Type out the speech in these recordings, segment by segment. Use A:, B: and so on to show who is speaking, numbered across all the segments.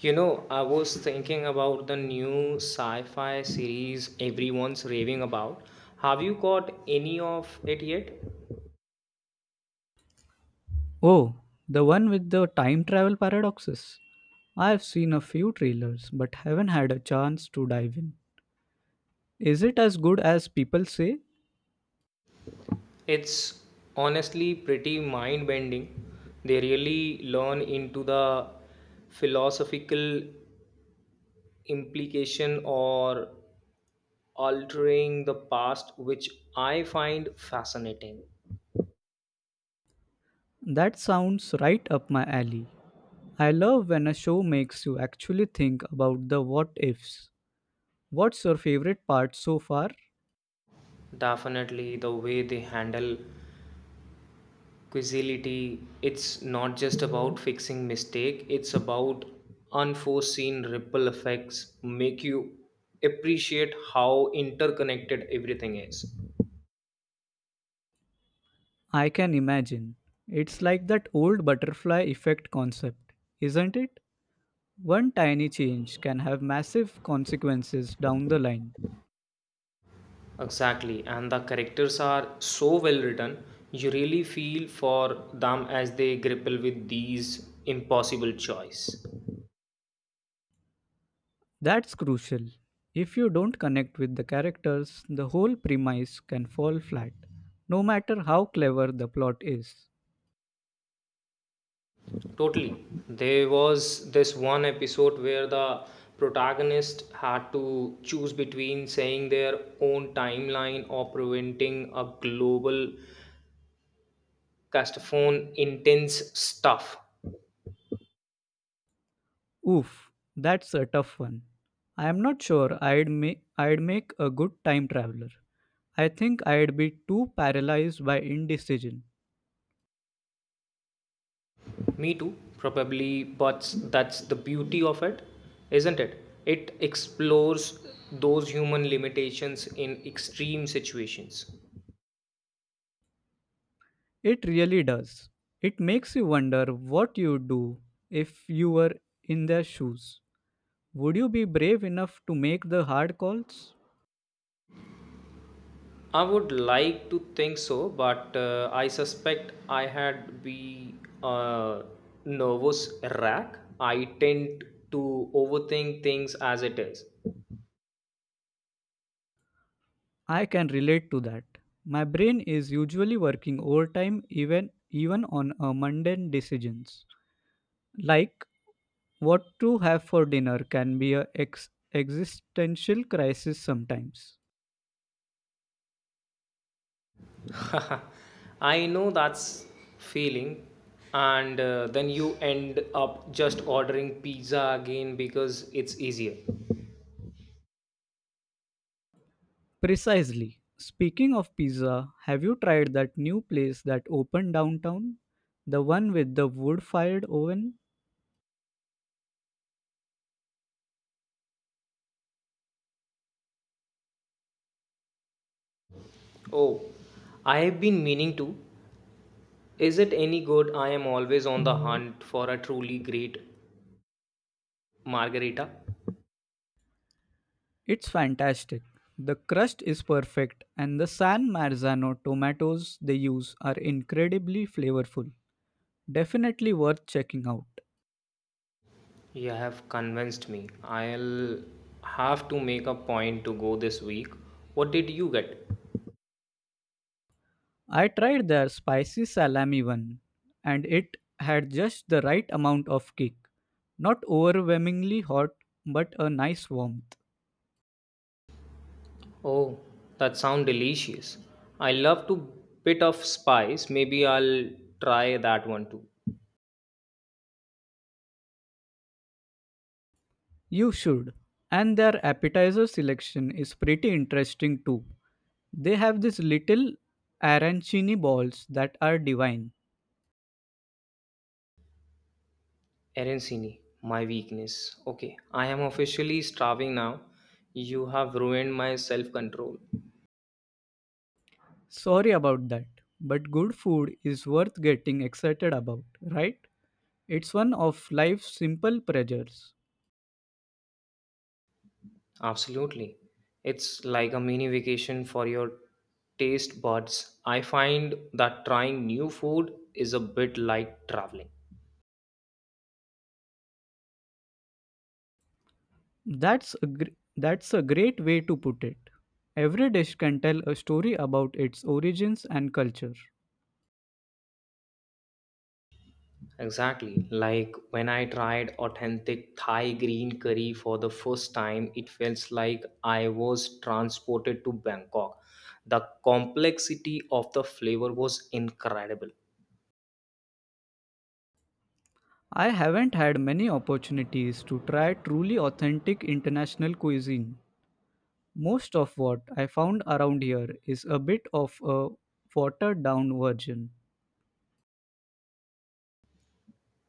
A: I was thinking about the new sci fi series everyone's raving about. Have you got any of it yet?
B: Oh, the one with the time travel paradoxes. I've seen a few trailers but haven't had a chance to dive in. Is it as good as people say?
A: It's honestly pretty mind bending. They really learn into the philosophical implication or altering the past, which I find fascinating.
B: That sounds right up my alley. I love when a show makes you actually think about the what ifs. What's your favorite part so far?
A: Definitely, the way they handle quizility it's not just about fixing mistake it's about unforeseen ripple effects make you appreciate how interconnected everything is
B: I can imagine. It's like that old butterfly effect concept, isn't it? One tiny change can have massive consequences down the line.
A: exactly and the characters are so well written you really feel for them as they grapple with these impossible choice.
B: That's crucial. If you don't connect with the characters, the whole premise can fall flat, no matter how clever the plot is.
A: Totally. There was this one episode where the protagonist had to choose between saying their own timeline or preventing a global castaphone intense stuff.
B: Oof, that's a tough one. I am not sure I'd make a good time traveler. I think I'd be too paralyzed by indecision.
A: Me too, probably, but that's the beauty of it, isn't it? It explores those human limitations in extreme situations.
B: It really does. It makes you wonder what you'd do if you were in their shoes. Would you be brave enough to make the hard calls?
A: I would like to think so, but I suspect I had be a nervous wreck. I tend to overthink things as it is.
B: I can relate to that. My brain is usually working overtime even on a mundane decisions. Like what to have for dinner can be a existential crisis sometimes.
A: I know that's feeling, and then you end up just ordering pizza again because it's easier.
B: Precisely. Speaking of pizza, have you tried that new place that opened downtown? The one with the wood-fired oven?
A: Oh, I have been meaning to. Is it any good? I am always on the hunt for a truly great margarita.
B: It's fantastic. The crust is perfect and the San Marzano tomatoes they use are incredibly flavorful. Definitely worth checking out.
A: You have convinced me. I'll have to make a point to go this week. What did you get?
B: I tried their spicy salami one and it had just the right amount of kick. Not overwhelmingly hot, but a nice warmth.
A: Oh, that sounds delicious. I love to bit of spice. Maybe I'll try that one too.
B: You should. And their appetizer selection is pretty interesting too. They have these little arancini balls that are divine.
A: Arancini, my weakness. Okay, I am officially starving now. You have ruined my self-control.
B: Sorry about that, but good food is worth getting excited about, right? It's one of life's simple pleasures.
A: Absolutely. It's like a mini vacation for your taste buds. I find that trying new food is a bit like traveling.
B: That's a great way to put it. Every dish can tell a story about its origins and culture.
A: Exactly. Like when I tried authentic Thai green curry for the first time, it felt like I was transported to Bangkok. The complexity of the flavor was incredible.
B: I haven't had many opportunities to try truly authentic international cuisine. Most of what I found around here is a bit of a watered down version.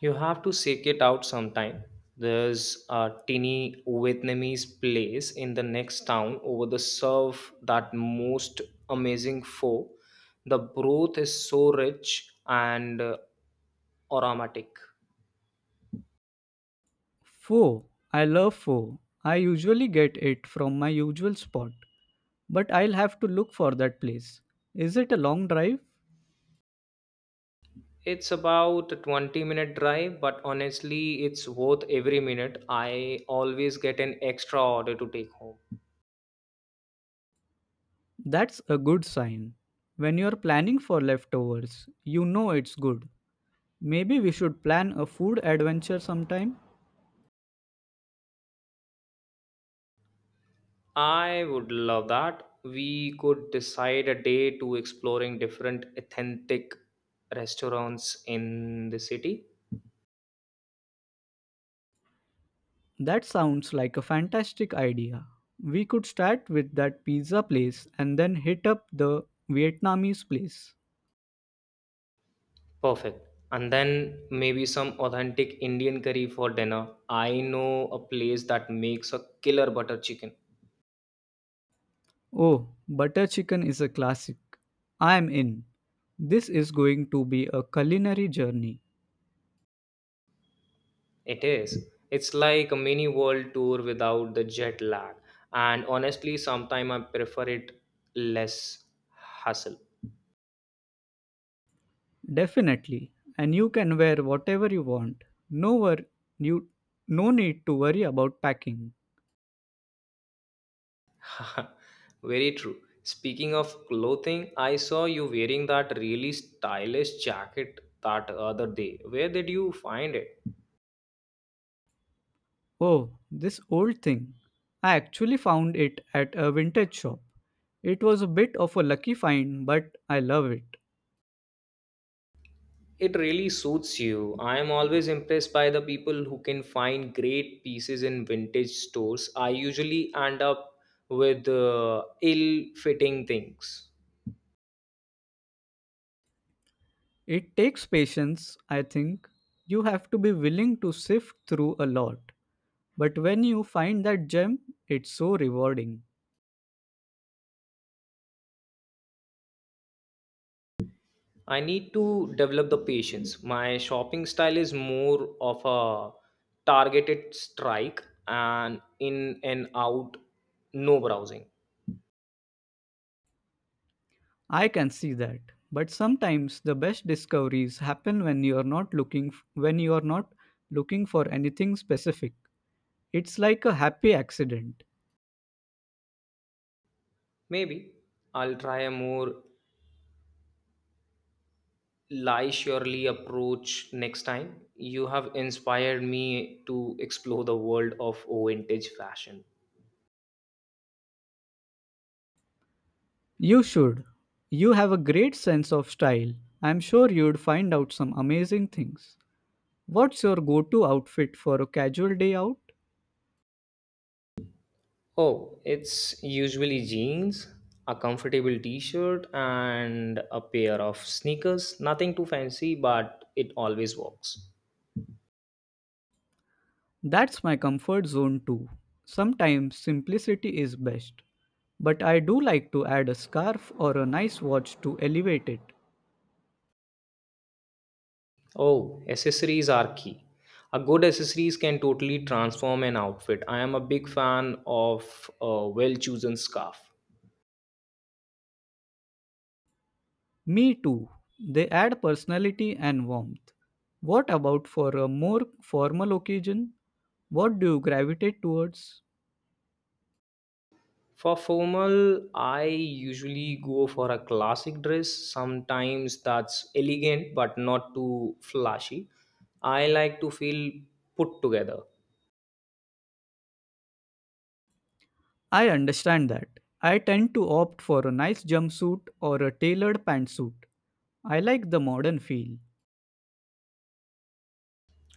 A: You have to seek it out sometime. There's a tiny Vietnamese place in the next town over the surf that most amazing pho. The broth is so rich and aromatic.
B: Pho, I love pho. I usually get it from my usual spot, but I'll have to look for that place. Is it a long drive?
A: It's about a 20-minute drive, but honestly, it's worth every minute. I always get an extra order to take home.
B: That's a good sign. When you're planning for leftovers, you know it's good. Maybe we should plan a food adventure sometime?
A: I would love that. We could decide a day to exploring different authentic restaurants in the city.
B: That sounds like a fantastic idea. We could start with that pizza place and then hit up the Vietnamese place.
A: Perfect. And then maybe some authentic Indian curry for dinner. I know a place that makes a killer butter chicken.
B: Oh, butter chicken is a classic. I am in. This is going to be a culinary journey.
A: It is. It's like a mini world tour without the jet lag. And honestly, sometimes I prefer it less hustle.
B: Definitely. And you can wear whatever you want. No wor- you no need to worry about packing.
A: Very true. Speaking of clothing, I saw you wearing that really stylish jacket that other day. Where did you find it?
B: Oh, this old thing. I actually found it at a vintage shop. It was a bit of a lucky find, but I love it.
A: It really suits you. I am always impressed by the people who can find great pieces in vintage stores. I usually end up with ill fitting things.
B: It takes patience, I think. You have to be willing to sift through a lot. But when you find that gem, it's so rewarding.
A: I need to develop the patience. My shopping style is more of a targeted strike and in and out, no browsing.
B: I can see that. But sometimes the best discoveries happen when you are not looking for anything specific. It's like a happy accident.
A: Maybe I'll try a more lie surely approach next time. You have inspired me to explore the world of vintage fashion.
B: You should. You have a great sense of style. I'm sure you'd find out some amazing things. What's your go to outfit for a casual day out?
A: Oh, it's usually jeans, a comfortable t shirt, and a pair of sneakers. Nothing too fancy, but it always works.
B: That's my comfort zone too. Sometimes simplicity is best. But I do like to add a scarf or a nice watch to elevate it.
A: Oh, accessories are key. A good accessories can totally transform an outfit. I am a big fan of a well-chosen scarf.
B: Me too. They add personality and warmth. What about for a more formal occasion? What do you gravitate towards?
A: For formal, I usually go for a classic dress. Sometimes that's elegant but not too flashy. I like to feel put together.
B: I understand that. I tend to opt for a nice jumpsuit or a tailored pantsuit. I like the modern feel.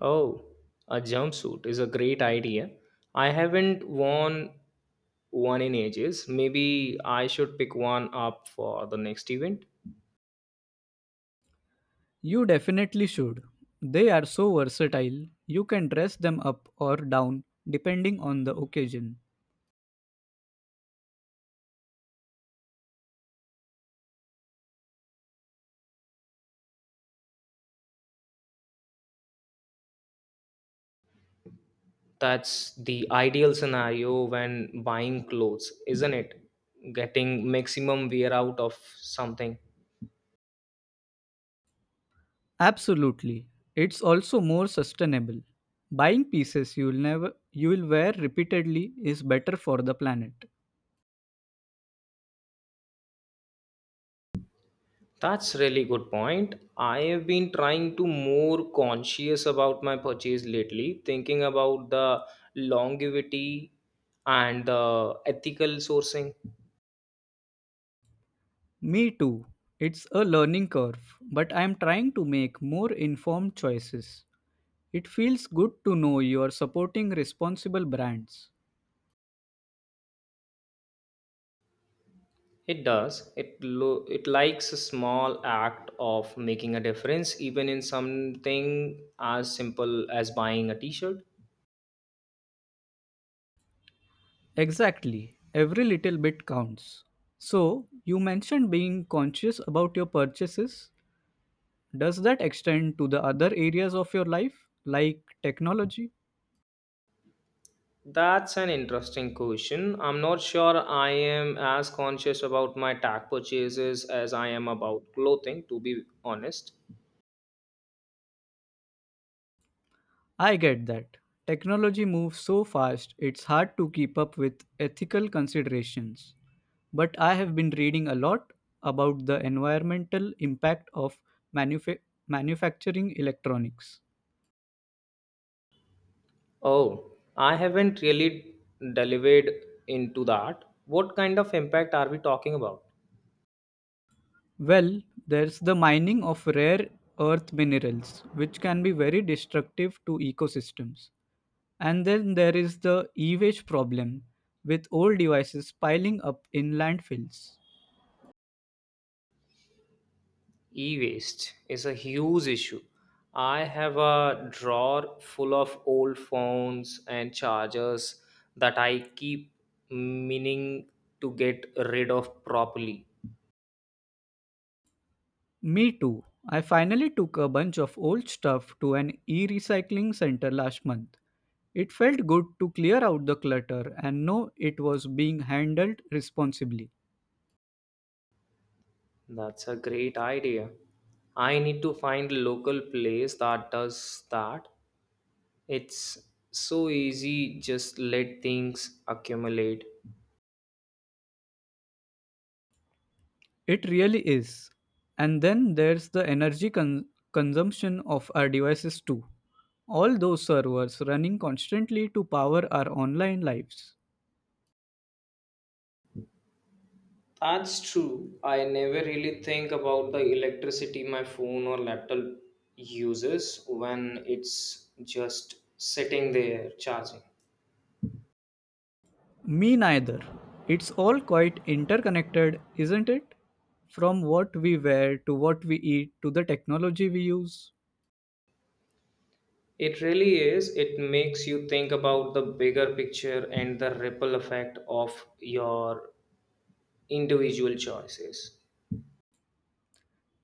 A: Oh, a jumpsuit is a great idea. I haven't worn one in ages. Maybe I should pick one up for the next event.
B: You definitely should. They are so versatile, you can dress them up or down depending on the occasion.
A: That's the ideal scenario when buying clothes, isn't it? Getting maximum wear out of something.
B: Absolutely. It's also more sustainable. Buying pieces you'll never you will wear repeatedly is better for the planet.
A: That's really good point. I have been trying to more conscious about my purchase lately, thinking about the longevity and the ethical sourcing.
B: Me too. It's a learning curve, but I'm trying to make more informed choices. It feels good to know you are supporting responsible brands.
A: It does. It likes a small act of making a difference, even in something as simple as buying a T-shirt.
B: Exactly, every little bit counts. So, you mentioned being conscious about your purchases. Does that extend to the other areas of your life, like technology?
A: That's an interesting question. I'm not sure I am as conscious about my tag purchases as I am about clothing, to be honest.
B: I get that. Technology moves so fast, it's hard to keep up with ethical considerations. But I have been reading a lot about the environmental impact of manufa- manufacturing electronics.
A: Oh, I haven't really delivered into that. What kind of impact are we talking about?
B: Well, there's the mining of rare earth minerals, which can be very destructive to ecosystems. And then there is the e-waste problem, with old devices piling up in landfills.
A: E waste is a huge issue. I have a drawer full of old phones and chargers that I keep meaning to get rid of properly.
B: Me too. I finally took a bunch of old stuff to an e-recycling center last month. It felt good to clear out the clutter and know it was being handled responsibly.
A: That's a great idea. I need to find a local place that does that. It's so easy, just let things accumulate.
B: It really is. And then there's the consumption of our devices too. All those servers running constantly to power our online lives.
A: That's true. I never really think about the electricity my phone or laptop uses when it's just sitting there charging.
B: Me neither. It's all quite interconnected, isn't it? From what we wear to what we eat to the technology we use.
A: It really is. It makes you think about the bigger picture and the ripple effect of your individual choices.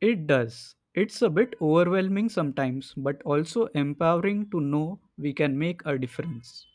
B: It does. It's a bit overwhelming sometimes, but also empowering to know we can make a difference.